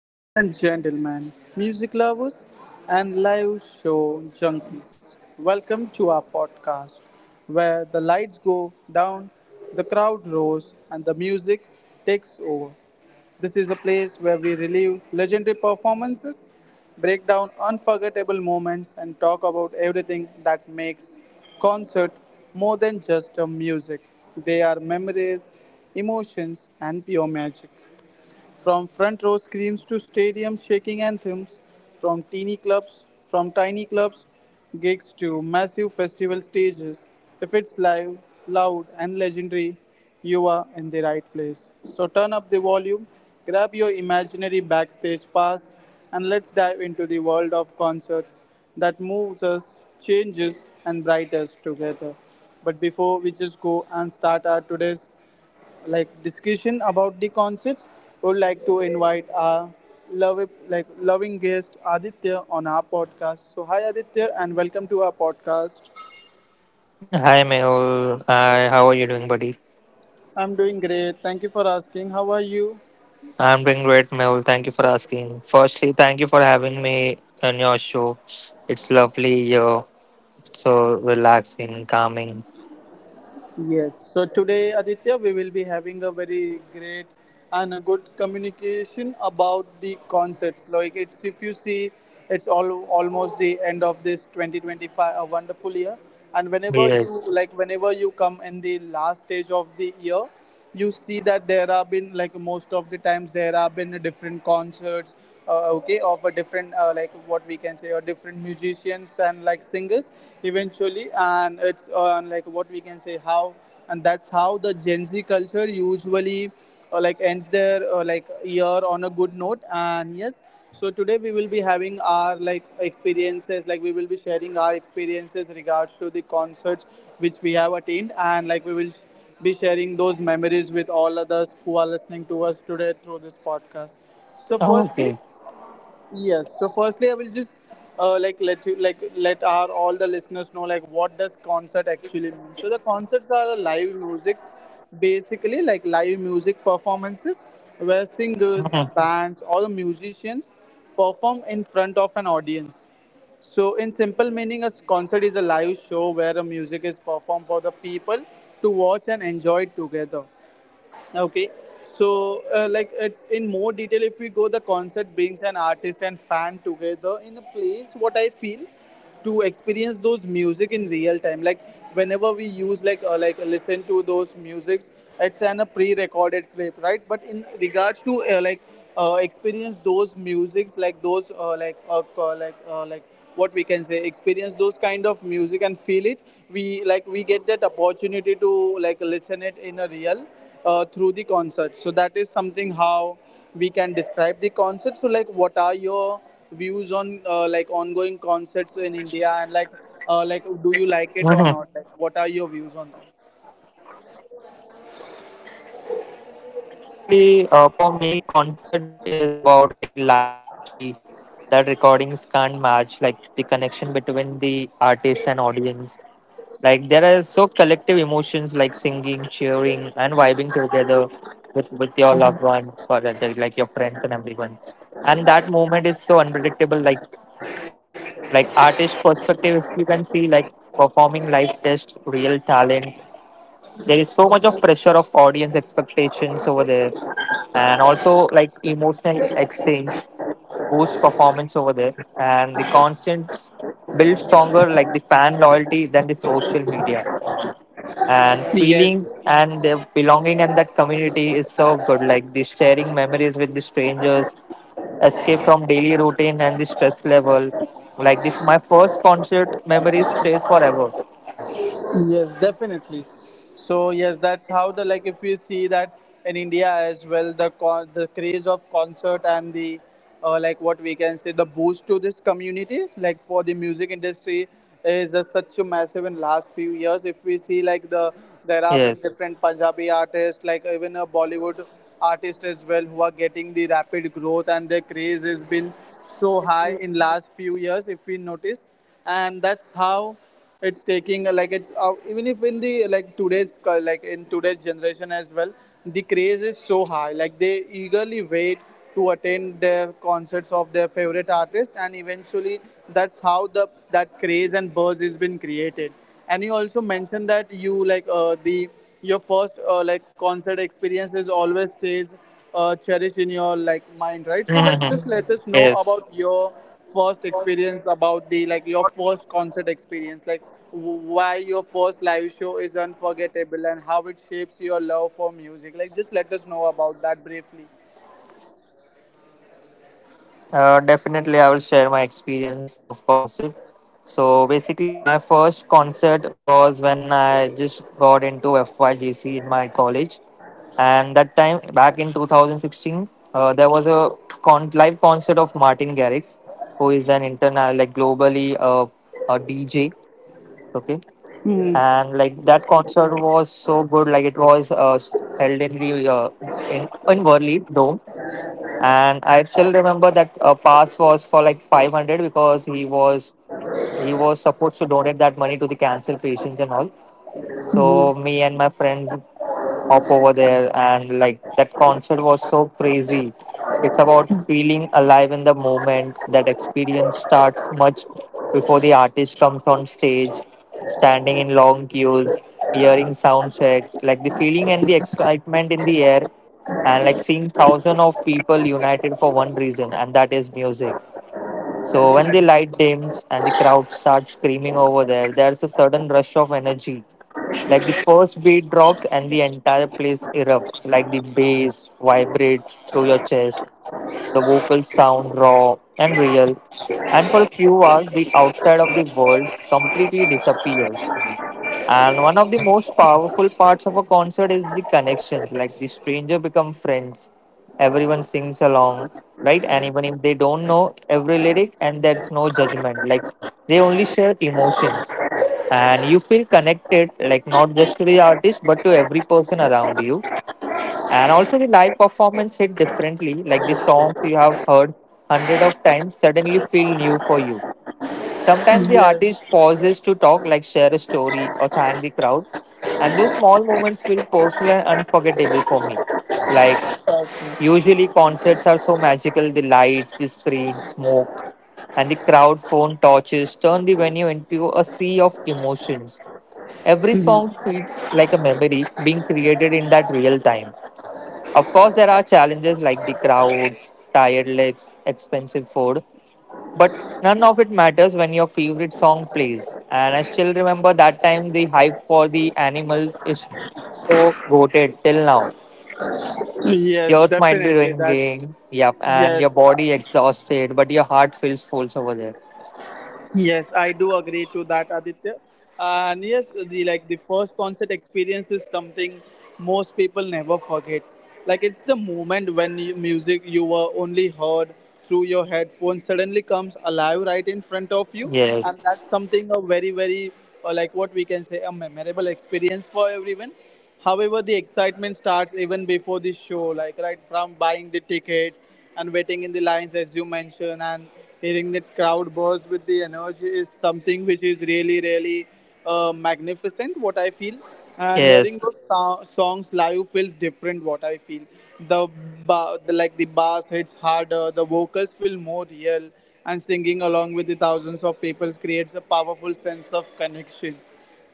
Ladies and gentlemen, music lovers, and live show junkies, welcome to our podcast where the lights go down, the crowd roars, and the music takes over. This is the place where we relive legendary performances, break down unforgettable moments, and talk about everything that makes concert more than just a music. They are memories, emotions, and pure magic. From front row screams to stadium shaking anthems, from tiny clubs, gigs to massive festival stages. If it's live, loud, and legendary, you are in the right place. So turn up the volume, grab your imaginary backstage pass, and let's dive into the world of concerts that moves us, changes, and brightens together. But before we just go and start our today's discussion about the concerts, would like to invite our love like loving guest Aditya on our podcast. So hi Aditya and welcome to our podcast. Hi, Mel. Hi, how are you doing, buddy? I'm doing great. Thank you for asking. How are you? I'm doing great, Mel. Thank you for asking. Firstly, thank you for having me on your show. It's lovely here. So relaxing, calming. Yes, so today, Aditya, we will be having a very great and a good communication about the concepts. Like, it's if you see, it's all almost the end of this 2025, a wonderful year. And Yes. Whenever you come in the last stage of the year, you see that there have been like most of the times there have been different concerts okay of a different like what we can say or different musicians and like singers eventually, and it's like what we can say how and that's how the gen z culture usually like ends their like year on a good note. And yes, so today we will be having our like experiences, like we will be sharing our experiences regards to the concerts which we have attained, and like we will be sharing those memories with all others who are listening to us today through this podcast. So firstly, Okay. yes. So firstly, I will just like let you like let our all the listeners know like what does concert actually mean. So the concerts are the live musics, basically like live music performances where singers, Mhm. bands, or the musicians perform in front of an audience. So, in simple meaning, a concert is a live show where a music is performed for the people to watch and enjoy together. Okay, so like it's in more detail. If we go, the concert brings an artist and fan together in a place. What I feel, to experience those music in real time. Like whenever we use like listen to those musics, it's an a pre-recorded clip, right? But in regards to experience those musics, like those like what we can say experience those kind of music and feel it, we get that opportunity to like listen it in a real through the concert. So that is something how we can describe the concert. So like, what are your views on like ongoing concerts in India, and like do you like it or Mhm. not? Like, what are your views on that? Yeah. So basically, for me, concerts is about like live energy that recordings can't match, like the connection between the artist and audience. Like there are so collective emotions like singing, cheering, and vibing together with your loved one or like your friends and everyone. And that moment is so unpredictable. Like artist perspective, if you can see like performing live test, real talent. There is so much of pressure of audience expectations over there, and also like emotional exchange boosts performance over there, and the constant build stronger like the fan loyalty than the social media and feeling Yes. and the belonging and that community is so good like the sharing memories with the strangers, escape from daily routine and the stress level like the, my first concert memory stays forever. Yes, definitely. So yes, that's how the like if you see that in India as well, the craze of concert and the like what we can say the boost to this community like for the music industry is such a massive in last few years. If we see like the there have been Yes. different Punjabi artists, like even a Bollywood artist as well, who are getting the rapid growth, and their craze has been so high in last few years if we notice. And that's how it's taking like it's even if in the like today's like in today's generation as well, the craze is so high. Like they eagerly wait to attend their concerts of their favorite artist, and eventually that's how the that craze and buzz has been created. And you also mentioned that you like the your first like concert experience is always stays cherish in your like mind, right? So like just let us know about your first Yes. experience about the like your first concert experience, like w- why your first live show is unforgettable and how it shapes your love for music. Like just let us know about that briefly. Definitely, I will share my experience of concert. So basically, my first concert was when I just got into FYJC in my college, and that time back in 2016, there was a live concert of Martin Garrix, who is an internal, like globally, a DJ. Like that concert was so good. Like it was held in the uh, in in Worli Dome. And I still remember that pass was for like 500 because he was supposed to donate that money to the cancer patients and all. So me and my friends hop over there. And like that concert was so crazy. It's about feeling alive in the moment. That experience starts much before the artist comes on stage, standing in long queues, hearing sound check, like the feeling and the excitement in the air, and like seeing thousands of people united for one reason, and that is music. So when the light dims and the crowd starts screaming over there, there's a sudden rush of energy. Like the first beat drops and the entire place erupts. Like the bass vibrates through your chest. The vocals sound raw and real. And for a few hours, the outside of the world completely disappears. And one of the most powerful parts of a concert is the connections. Like the stranger become friends. Everyone sings along, right? And even if they don't know every lyric, and there's no judgment. Like they only share emotions, and you feel connected. Like not just to the artist, but to every person around you. And also the live performance hit differently. Like the songs you have heard hundred of times suddenly feel new for you. Sometimes the Yes. artist pauses to talk, like share a story or thank the crowd. And those small moments feel personal and unforgettable for me. Like, Awesome. usually concerts are so magical, the lights, the screen, smoke, and the crowd phone torches turn the venue into a sea of emotions. Every song feels like a memory being created in that real time. Of course, there are challenges like the crowd, tired legs, expensive food, but none of it matters when your favorite song plays. And I still remember that time the hype for the animals is so goated till now. Yes, Yours might be definitely that. ringing, yep, and your Yes. body exhausted, but your heart feels full over there. Yes, I do agree to that, Aditya. And yes, the like the first concert experience is something most people never forget. Like it's the moment when you, music you were only heard through your headphones suddenly comes alive right in front of you, and Yes, that's something a very like what we can say a memorable experience for everyone. However, the excitement starts even before the show, like right from buying the tickets and waiting in the lines, as you mentioned, and hearing the crowd buzz with the energy is something which is really, really magnificent. What I feel, and yes. hearing those so- songs live feels different. What I feel, the, the like the bass hits harder, the vocals feel more real, and singing along with the thousands of people creates a powerful sense of connection,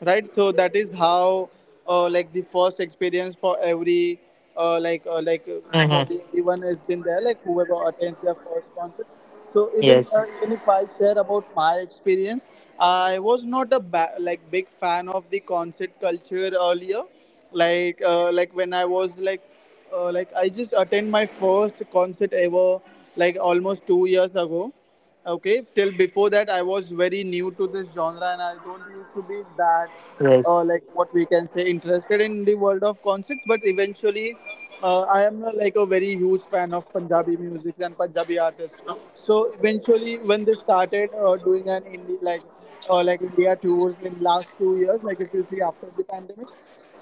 right? So that is how like the first experience for every uh, like uh, like uh, Hmm. for the everyone has been there, like whoever attends their first concert. So Yes, even if I share about my experience, I was not a ba- like big fan of the concert culture earlier. Like like when I was like I just attend my first concert ever like almost 2 years ago. Okay, till before that I was very new to this genre and I don't used to be that yes. Like what we can say interested in the world of concerts. But eventually I am like a very huge fan of punjabi music and punjabi artists. So eventually when they started doing an indie like india tours in last 2 years, like if you see after the pandemic.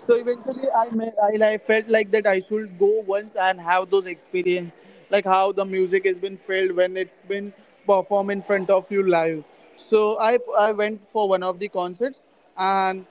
So eventually, I felt like that I should go once and have those experience, like how the music has been felt when it's been performed in front of you live. So I went for one of the concerts, and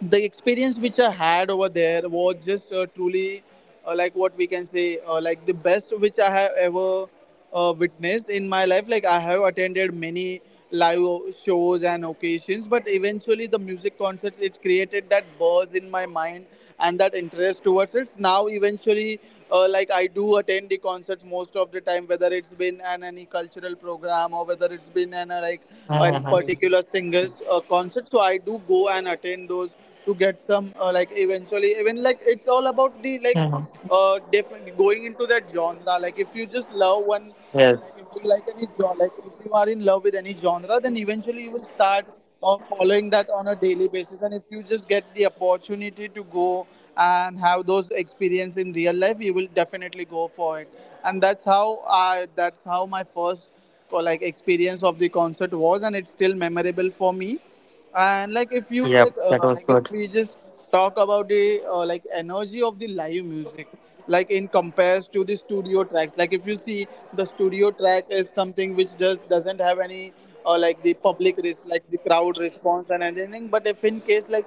the experience which I had over there was just truly like what we can say like the best which I have ever witnessed in my life. Like I have attended many live shows and occasions, but eventually the music concerts it created that buzz in my mind and that interest towards it. Now eventually. Like I do attend the concerts most of the time, whether it's been an any cultural program or whether it's been an like a particular Hmm. singer's concert. So I do go and attend those to get some like eventually even like it's all about the like different Hmm. going into that genre. Like if you just love one, like if you like any Yes. genre, like if you are in love with any genre, then eventually you will start following that on a daily basis. And if you just get the opportunity to go and have those experience in real life, you will definitely go for it. And that's how my first like experience of the concert was, and it's still memorable for me. And like if you like if Yep, we that just was good. talk about the like energy of the live music like in compares to the studio tracks, like if you see the studio track is something which just doesn't have any like the public risk like the crowd response and anything. But if in case like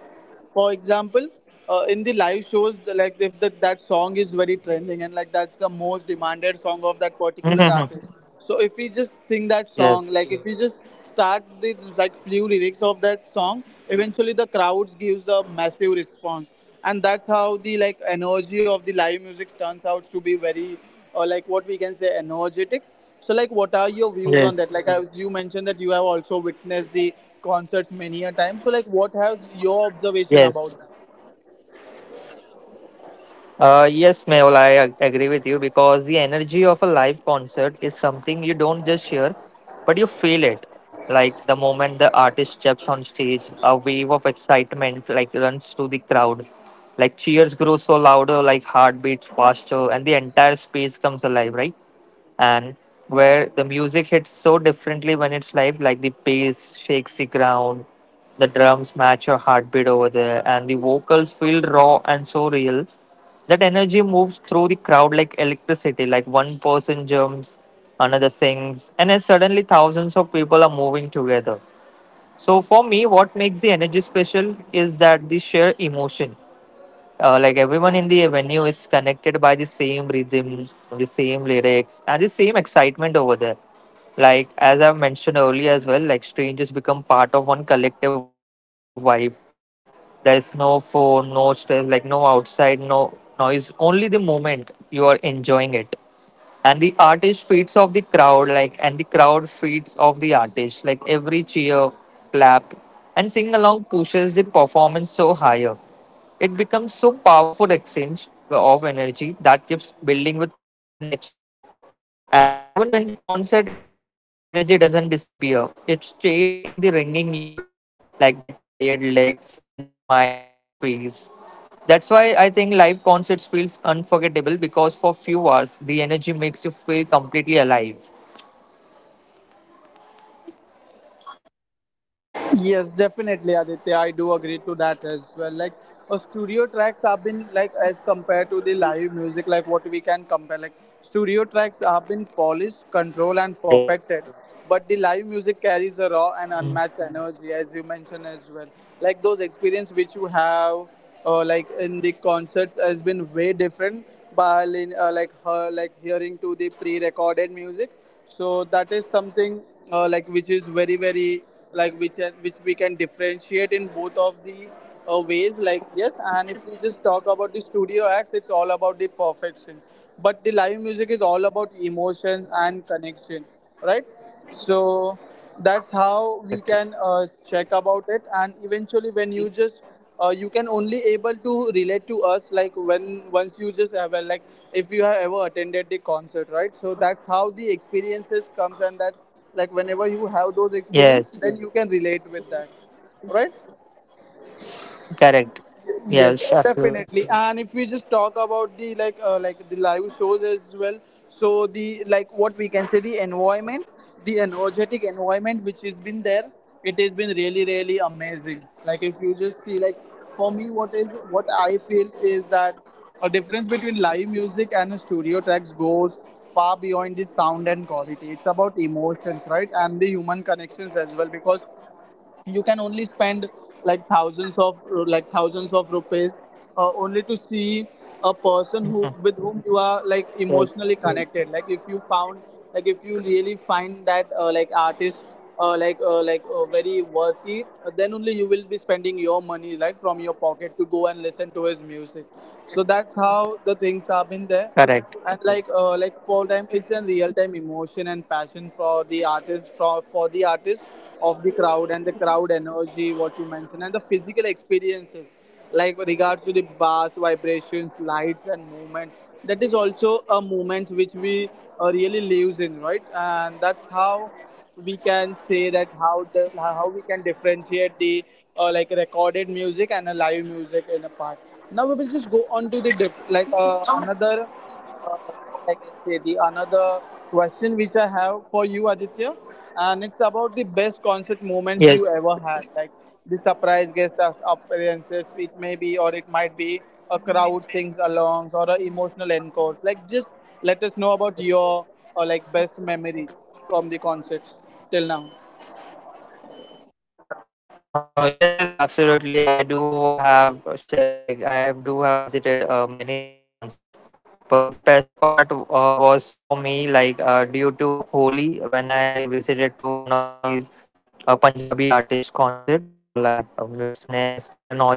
for example in the live shows like if the, that song is very trending, and like that's the most demanded song of that particular artist. Hmm. So if we just sing that song, like Yes, if we just start the like few lyrics of that song, eventually the crowds gives a massive response, and that's how the like energy of the live correct. music turns out to be very, or like what we can say energetic. So like, what are your views on Yes, that? Like I, you mentioned that you have also witnessed the concerts many a time. So like, what has your observation yes. about that? Yes, Mehul, I agree with you because the energy of a live concert is something you don't just hear, but you feel it. Like the steps on stage, a wave of excitement like runs through the crowd. Like cheers grow so louder, like heartbeat faster, and the entire space comes alive, right? And where the music hits so differently when it's live, like the bass shakes the ground, the drums match your heartbeat over there, and the vocals feel raw and so real. That energy moves through the crowd like electricity, like one person jumps, another sings, and then suddenly thousands of people are moving together. So, for me, what makes the energy special is that the sheer emotion. Like everyone in the venue is connected by the same rhythm, the same lyrics, and the same excitement over there. Like as I've mentioned earlier as well, like strangers become part of one collective vibe. There's no phone, no stress, like no outside, no noise. Only the moment you are enjoying it and the artist feeds off the crowd like and the crowd feeds off the artist like every cheer, clap, and sing along pushes the performance so higher. It becomes so powerful exchange of energy that keeps building with every next song. And even when the concert ends, the energy doesn't disappear. It stays in the ringing ears, like the tired legs and the smile on your face. That's why I think live concerts feels unforgettable because for few hours the energy makes you feel completely alive. Yes, definitely, Aditya. I do agree to that as well. Like, studio tracks have been like as compared to the live music, like what we can compare. Like, studio tracks have been polished, controlled, and Yes, perfected. But the live music carries a raw and unmatched energy, as you mentioned as well. Like those experience which you have, like in the concerts, has been way different. By like her, like hearing to the pre-recorded music, so that is something like which is very very, like which we can differentiate in both of the ways, like, yes. And if we just talk about the studio acts, it's all about the perfection, but the live music is all about emotions and connection, right? So that's how correct. we can check about it. And eventually when you just, you can only able to relate to us, like when once you just have a, like if you have ever attended the concert, right? So that's how the experiences comes, and that, like whenever you have those experience, Yes, then you can relate with that, right? correct. Yes, Yes, absolutely. definitely. And if we just talk about the like the live shows as well, so the, like what we can say, the environment, the energetic environment which has been there, it has been really really amazing. Like if you just see, like for me, what is what I feel is that a difference between live music and a studio tracks goes far beyond the sound and quality. It's about emotions, right? And the human connections as well, because you can only spend like thousands of, like thousands of rupees only to see a person who, Mhm. with whom you are like Yes, emotionally connected. Like if you found, like if you really find that like artist very worthy, then only you will be spending your money, like from your pocket, to go and listen to his music. So that's how the things have been there. correct. And like fall time, it's a real time emotion and passion for the artist, for the artist of the crowd, and the crowd energy what you mentioned, and the physical experiences, like with regards to the bass vibrations, lights, and movements. That is also a movement which we really lives in, right? And that's how we can say that how the, how we can differentiate the like recorded music and a live music in a part. Now we will just go on to the like another, like what I can say, the another question which I have for you, Aditya, and it's about the best concert moments you Yes. ever had, like the surprise guest appearances. It may be, or it might be, a crowd sings alongs or a emotional encores. Like just let us know about your like best memory from the concerts till now. Yes, absolutely. I do have a share like do have visited many live concerts, but the best part was for me like due to Holi when I visited to one of these Punjabi artist concert. Its name is Karan Aujla,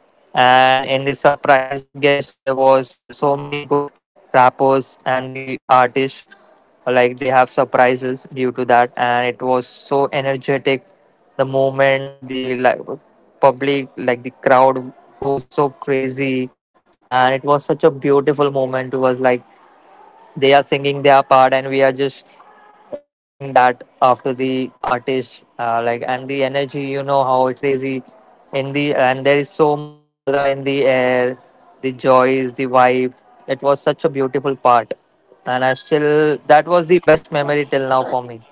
and in the surprise guest there was so many good rappers and the artists, like they have surprises due to that, and it was so energetic. The moment the like public like the crowd goes so crazy, and it was such a beautiful moment. It was like they are singing their part, and we are just repeating that after the artist. And the energy, you know how it's crazy in the, and there is so much of color in the air, the joys, the vibe. It was such a beautiful part, and I still that was the best memory till now for me.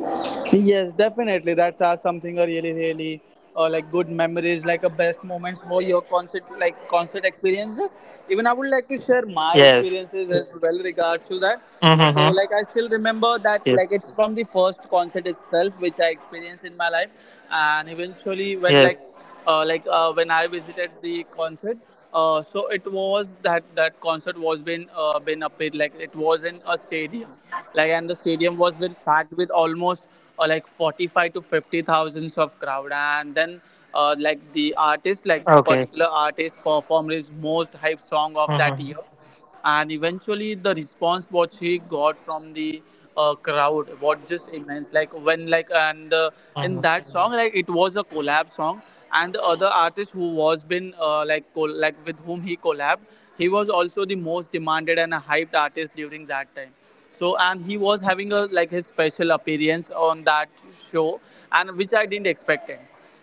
Yes, definitely. That's something a really, really like good memories, like a best moments for your concert, like concert experiences. Even I would like to share my Yes. experiences as well regards to that. So, like I Mm-hmm. still remember that, like Yes. it's from the first concert itself, which I experienced in my life, and eventually when like Yes. When I visited the concert. So it was that, that concert was been up in, like it was in a stadium, like, and the stadium was been packed with almost like 45 to 50 thousands of crowd, and then like the artist, like the particular Okay. artist performed his most hype song of that year. Mm-hmm. And eventually the response what he got from the crowd what just immense, like when like and in that song, Mm-hmm. like it was a collab song. And the other artist who was been like with whom he collabed, he was also the most demanded and a hyped artist during that time. So, and he was having a like his special appearance on that show, and which I didn't expect him,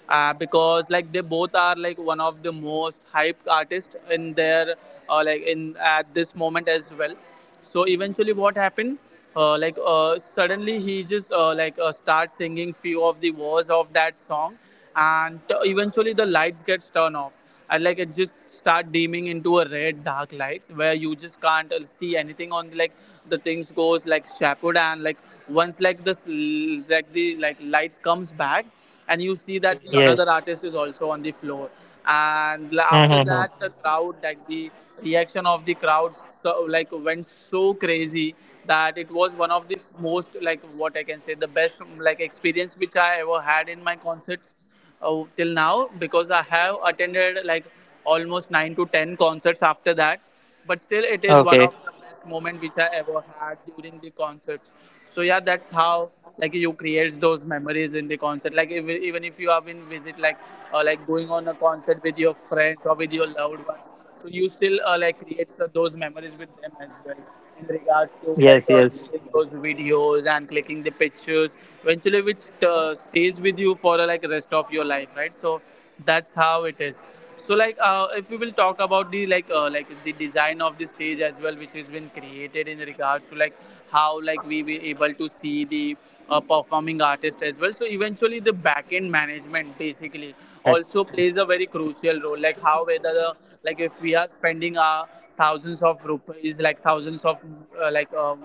because like they both are like one of the most hyped artists in their, like in at this moment as well. So eventually what happened, suddenly he just starts singing few of the words of that song. And eventually the lights gets turned off, and like it just start dimming into a red dark lights where you just can't see anything, on like the things goes like shadowed. And like, once like like the like lights comes back, and you see that the another Yes. artist is also on the floor. And after Mm-hmm. that the crowd, like the reaction of the crowd, so like went so crazy that it was one of the most, like what I can say, the best like experience which I ever had in my concerts, till now, because I have attended like almost nine to ten concerts after that. But still, it is one Okay. of the best moment which I ever had during the concerts. So yeah, that's how like you create those memories in the concert. Like if, even if you have been visit like going on a concert with your friends or with your loved ones, so you still like create those memories with them as well, in regards to like Yes. Yes. clicking those videos and clicking the pictures. Eventually, which stays with you for, like rest of your life, right? So that's how it is. So like, if we will talk about the like, like the design of the stage as well, which has been created in regards to like how like we were able to see the performing artist as well, so eventually the back end Correct. management basically also plays a very crucial role, like how whether the, like if we are spending our thousands of rupees, like thousands of, Yes. uh, like um,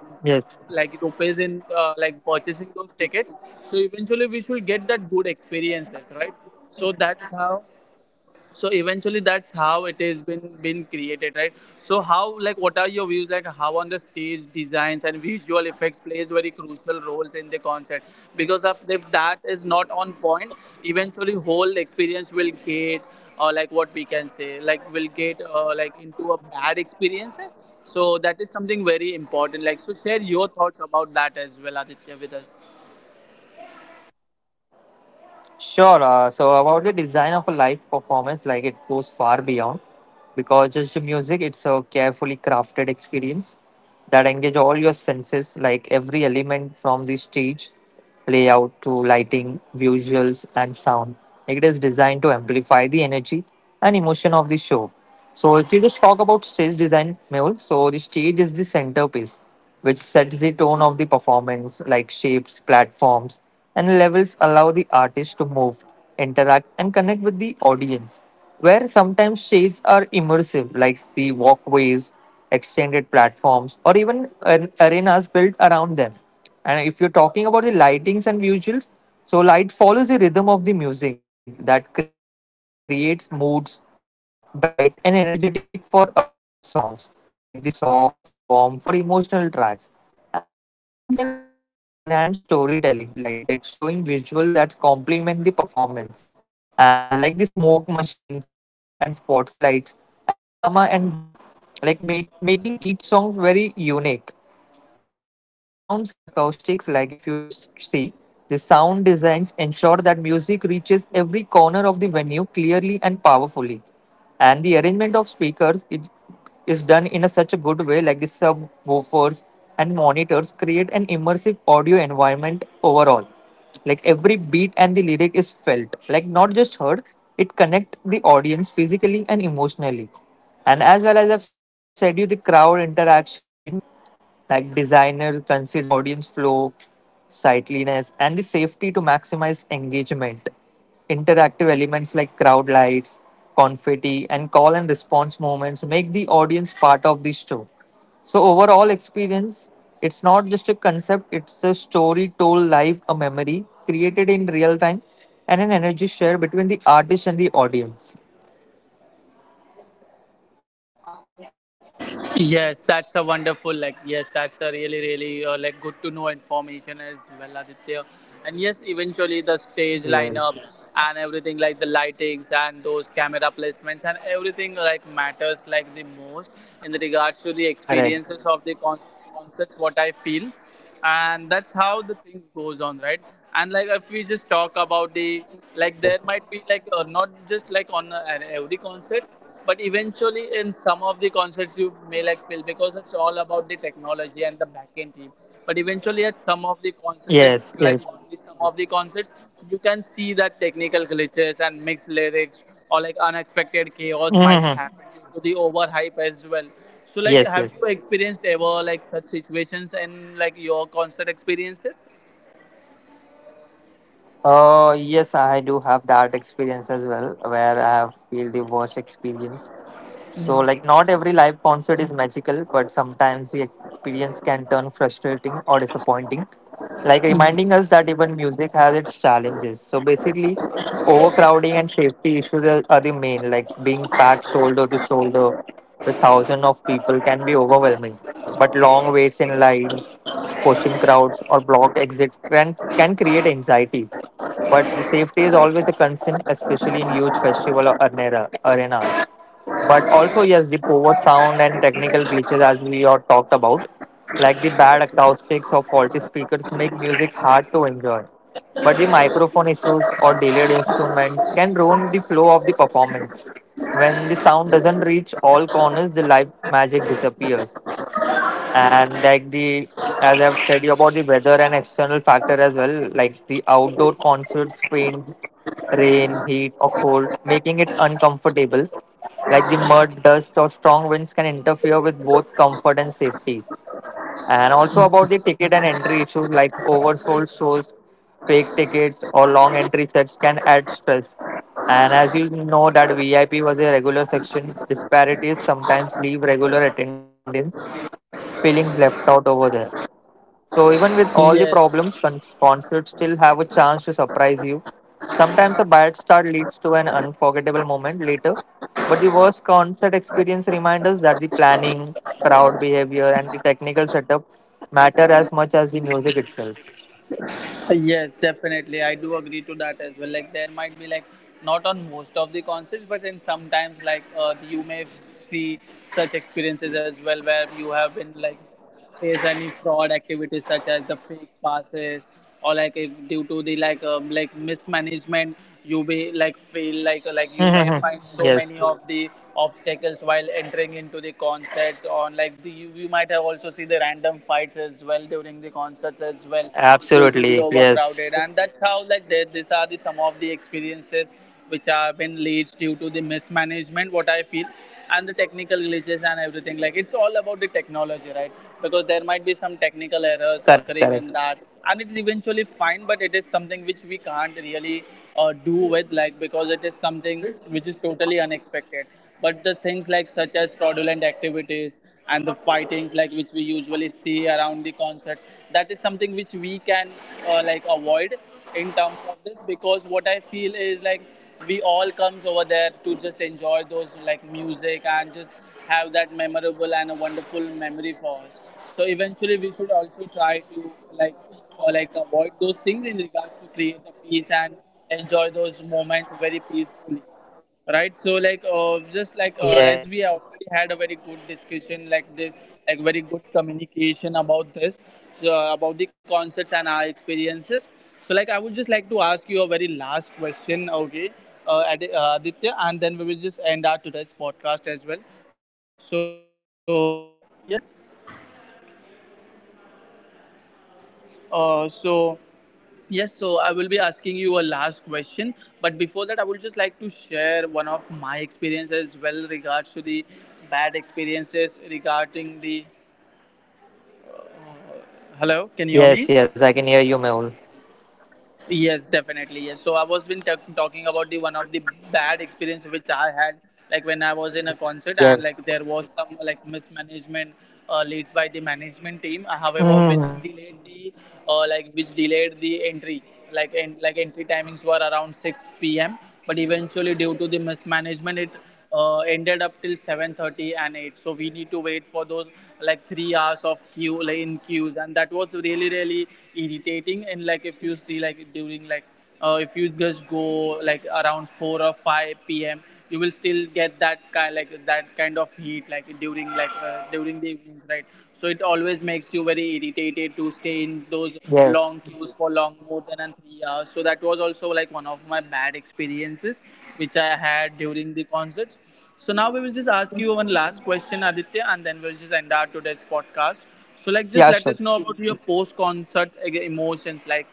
like rupees in, like purchasing those tickets, so eventually we should get that good experiences, right? So that's how, so eventually that's how it has been created, right? So how like what are your views like how on the stage designs and visual effects plays very crucial roles in the concert, because of, if that is not on point, eventually whole experience will get, or like what we can say, like will get like into a bad experience. So that is something very important, like so share your thoughts about that as well, Aditya, with us. Sure. So about the design of a live performance, like it goes far beyond because just the music, it's a carefully crafted experience that engage all your senses, like every element layout to lighting, visuals, and sound. Like, it is designed to amplify the energy and emotion of the show. So if you just talk about stage design, Mehul, so the stage is the centerpiece, which sets the tone of the performance, like shapes, platforms, and levels allow the artist to move, interact, and connect with the audience. Where sometimes shades are immersive, like the walkways, extended platforms, or even arenas built around them. And if you're talking about the lightings and visuals, so light follows the rhythm of the music that creates moods, bright and energetic for upbeat songs, like the soft and warm for emotional tracks, and the screens and projections enhance storytelling like that showing visual that complement the performance, and like the smoke machines, lasers, and spotlights add drama and depth, like making each song very unique. And about the sounds and acoustics, like if you just see, the sound designs ensure that music reaches every corner of the venue clearly and powerfully. And the arrangement of speakers it is done in a such a good way, like the subwoofers and monitors create an immersive audio environment overall, like every beat and the lyric is felt like not just heard, it connect the audience physically and emotionally. And as well as I've said you, the crowd interaction, like designers consider audience flow, sightliness, and the safety to maximize engagement. Interactive elements like crowd lights, confetti, and call and response moments make the audience part of the show. So overall experience, it's not just a concept, it's a story told live, a memory created in real time, and an energy share between the artist and the audience. Yes, that's a wonderful, like yes, that's a really really like good to know information as well, Aditya. And yes, eventually the Yes. stage lineup and everything, like the lightings and those camera placements and everything like matters like the most in regards to the Correct. experiences of the concerts. What I feel, and that's how the things goes on, right? And like if we just talk about the, like Yes. there might be like, not just like on, at every concert, but eventually in some of the concerts you may like feel, because it's all about the technology and the backend team. But eventually at some of the concerts, Yes. it's like Yes. only some of the concerts you can see that technical glitches and mixed lyrics or like unexpected chaos might Mhm. happen due to the overhype as well. So like Yes. have you Yes. experienced ever like such situations in like your concert experiences? Oh, yes, I do have that experience as well, where I have feel the worst. So, like, not every live concert is magical, but sometimes the experience can turn frustrating or disappointing, like reminding us that even music has its challenges. So, basically, overcrowding and safety issues are the main, like, being packed shoulder to shoulder with thousands of people can be overwhelming, but long waits in lines, pushing crowds, or blocked exits can create anxiety. But the safety is always a concern, especially in huge festival or arenas, but also, yes, the poor sound and technical glitches, as we all talked about, like the bad acoustics or faulty speakers, make music hard to enjoy. But the microphone issues or delayed instruments can ruin the flow of the performance. When the sound doesn't reach all corners, the live magic disappears. And like the, as I've said you about the weather and external factor as well, like the outdoor concerts, rain, heat, or cold, making it uncomfortable. Like the mud, dust, or strong winds can interfere with both comfort and safety. And also about the ticket and entry issues like oversold shows, fake tickets, or long entry checks can add stress. And as you know that VIP was a regular section, disparities sometimes leave regular attendance feelings left out over there. So even with all the Yes. problems, concerts still have a chance to surprise you. Sometimes a bad start leads to an unforgettable moment later, but the worst concert experience reminds us that the planning, crowd behavior, and the technical setup matter as much as the music itself. Yes, definitely. I do agree to that as well. Like there might be like not on most of the concerts, but in sometimes like, you may see such experiences as well, where you have been like face any fraud activities such as the fake passes. Or like if due to the like, like mismanagement, you may like feel like Mhm. you may find Yes, so many of the obstacles while entering into the concerts on like the, you might have also see the random fights as well during the concerts as well, due to the absolutely. Yes, overcrowded. And that's how like that these are the some of the experiences which have been leads due to the mismanagement, what I feel. And the technical glitches and everything, like it's all about the technology, right? Because there might be some technical correct. errors occurring in that, and it's eventually fine, but it is something which we can't really do with, like because it is something which is totally unexpected. But the things like such as fraudulent activities and the fightings like which we usually see around the concerts, that is something which we can like avoid in terms of this, because what I feel is like we all comes over there to just enjoy those like music and just have that memorable and a wonderful memory for us. So eventually we should also try to like, or like avoid those things in regards to create a peace and enjoy those moments very peacefully, right? So like, Yes. just like, as we already had a very good discussion like this, like very good communication about this. So, about the concerts and our experiences, so like I would just like to ask you a very last question, okay? Aditya, and then we will just end our today's podcast as well. So, yes uh, so Yes, I will be asking you a last question, but before that, I would just like to share one of my experiences, well, regards to the bad experiences regarding the. Hello, can you hear me? Yes, yes, I can hear you, Mehul. Yes, definitely. Yes. So I was been talking about the one of the bad experience which I had, like when I was in a concert and like Yes. there was some like mismanagement leads by the management team. uh, Mhm. However, which delayed the entry, like and like entry timings were around 6 p.m. But eventually, due to the mismanagement, it ended up till 7:30 and 8, so we need to wait for those like 3 hours of queue like in queues, and that was really irritating. And like if you see like during like if you just go like around 4 or 5 p.m, you will still get that kind of heat like during the evenings, right? So it always makes you very irritated to stay in those long Yes. queues for long more than 3 hours. So that was also like one of my bad experiences which I had during the concerts. So now we will just ask you one last question, Aditya, and then we'll just end our today's podcast. So like just Yeah, let sure. us know about your post-concert emotions, like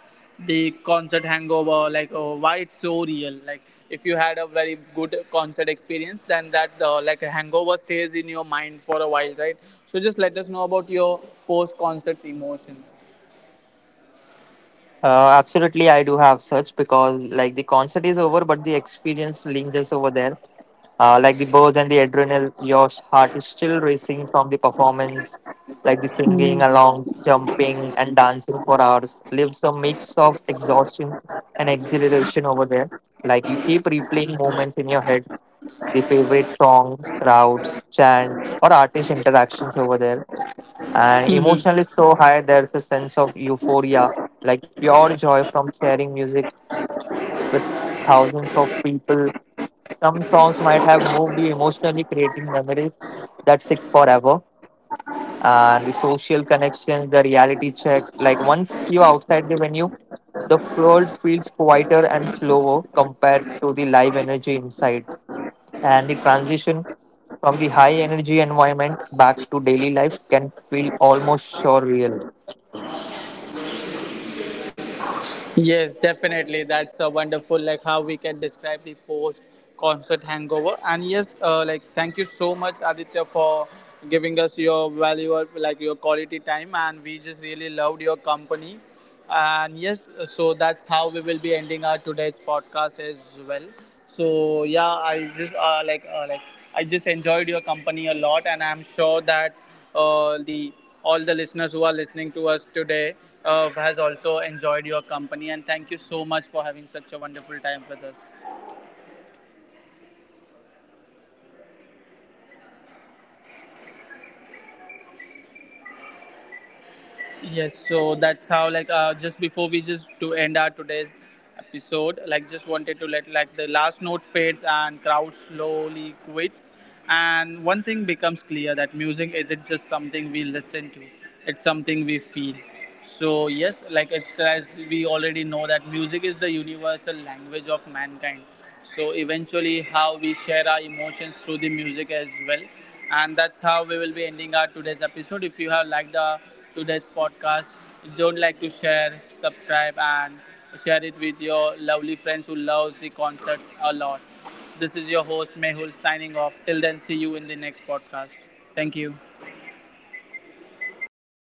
the concert hangover, like oh, why it's so real. Like if you had a very good concert experience, then that like a hangover stays in your mind for a while, right? So just let us know about your post-concert emotions. Absolutely, I do have such because like the concert is over, but the experience lingers over there. Like the buzz and the adrenaline, your heart is still racing from the performance, like the singing along, jumping and dancing for hours. Lives a mix of exhaustion and exhilaration over there. Like you keep replaying moments in your head, the favorite song, crowds, chants, or artist interactions over there. And emotionally, it's so high, there's a sense of euphoria, like pure joy from sharing music with thousands of people. Some songs might have moved you emotionally, creating memories that sit forever. And the social, the reality check, like once you're outside the venue, the world feels quieter and slower compared to the live energy inside, and the transition from the high energy environment back to daily life can feel almost surreal. Yes, definitely. That's a wonderful. Like how we can describe the post concert hangover. And yes, like thank you so much, Aditya, for giving us your valuable, like your quality time. And we just really loved your company. And yes, so that's how we will be ending our today's podcast as well. So yeah, I just enjoyed your company a lot, and I'm sure that the Yes. all the listeners who are listening to us today has also enjoyed your company, and thank you so much for having such a wonderful time with us. Oh, thank you so much for having me, Amir. It was great chit chatting with you. Yes, It was a so great that's how, chit chat with just before you. we just to end our today's episode, like just wanted to let like the last note fades and crowd slowly quits, and one thing becomes clear that music isn't just something we listen to; it's something we feel. So yes, like it's as we already know that music is the universal language of mankind, so eventually how we share our emotions through the music as well. And that's how we will be ending our today's episode. If you have liked our today's podcast, don't like to share, subscribe, and share it with your lovely friends who loves the concerts a lot. This is your host Yeah. Mehul, signing off. Till then, see you in the next podcast. Thank you. Thank you.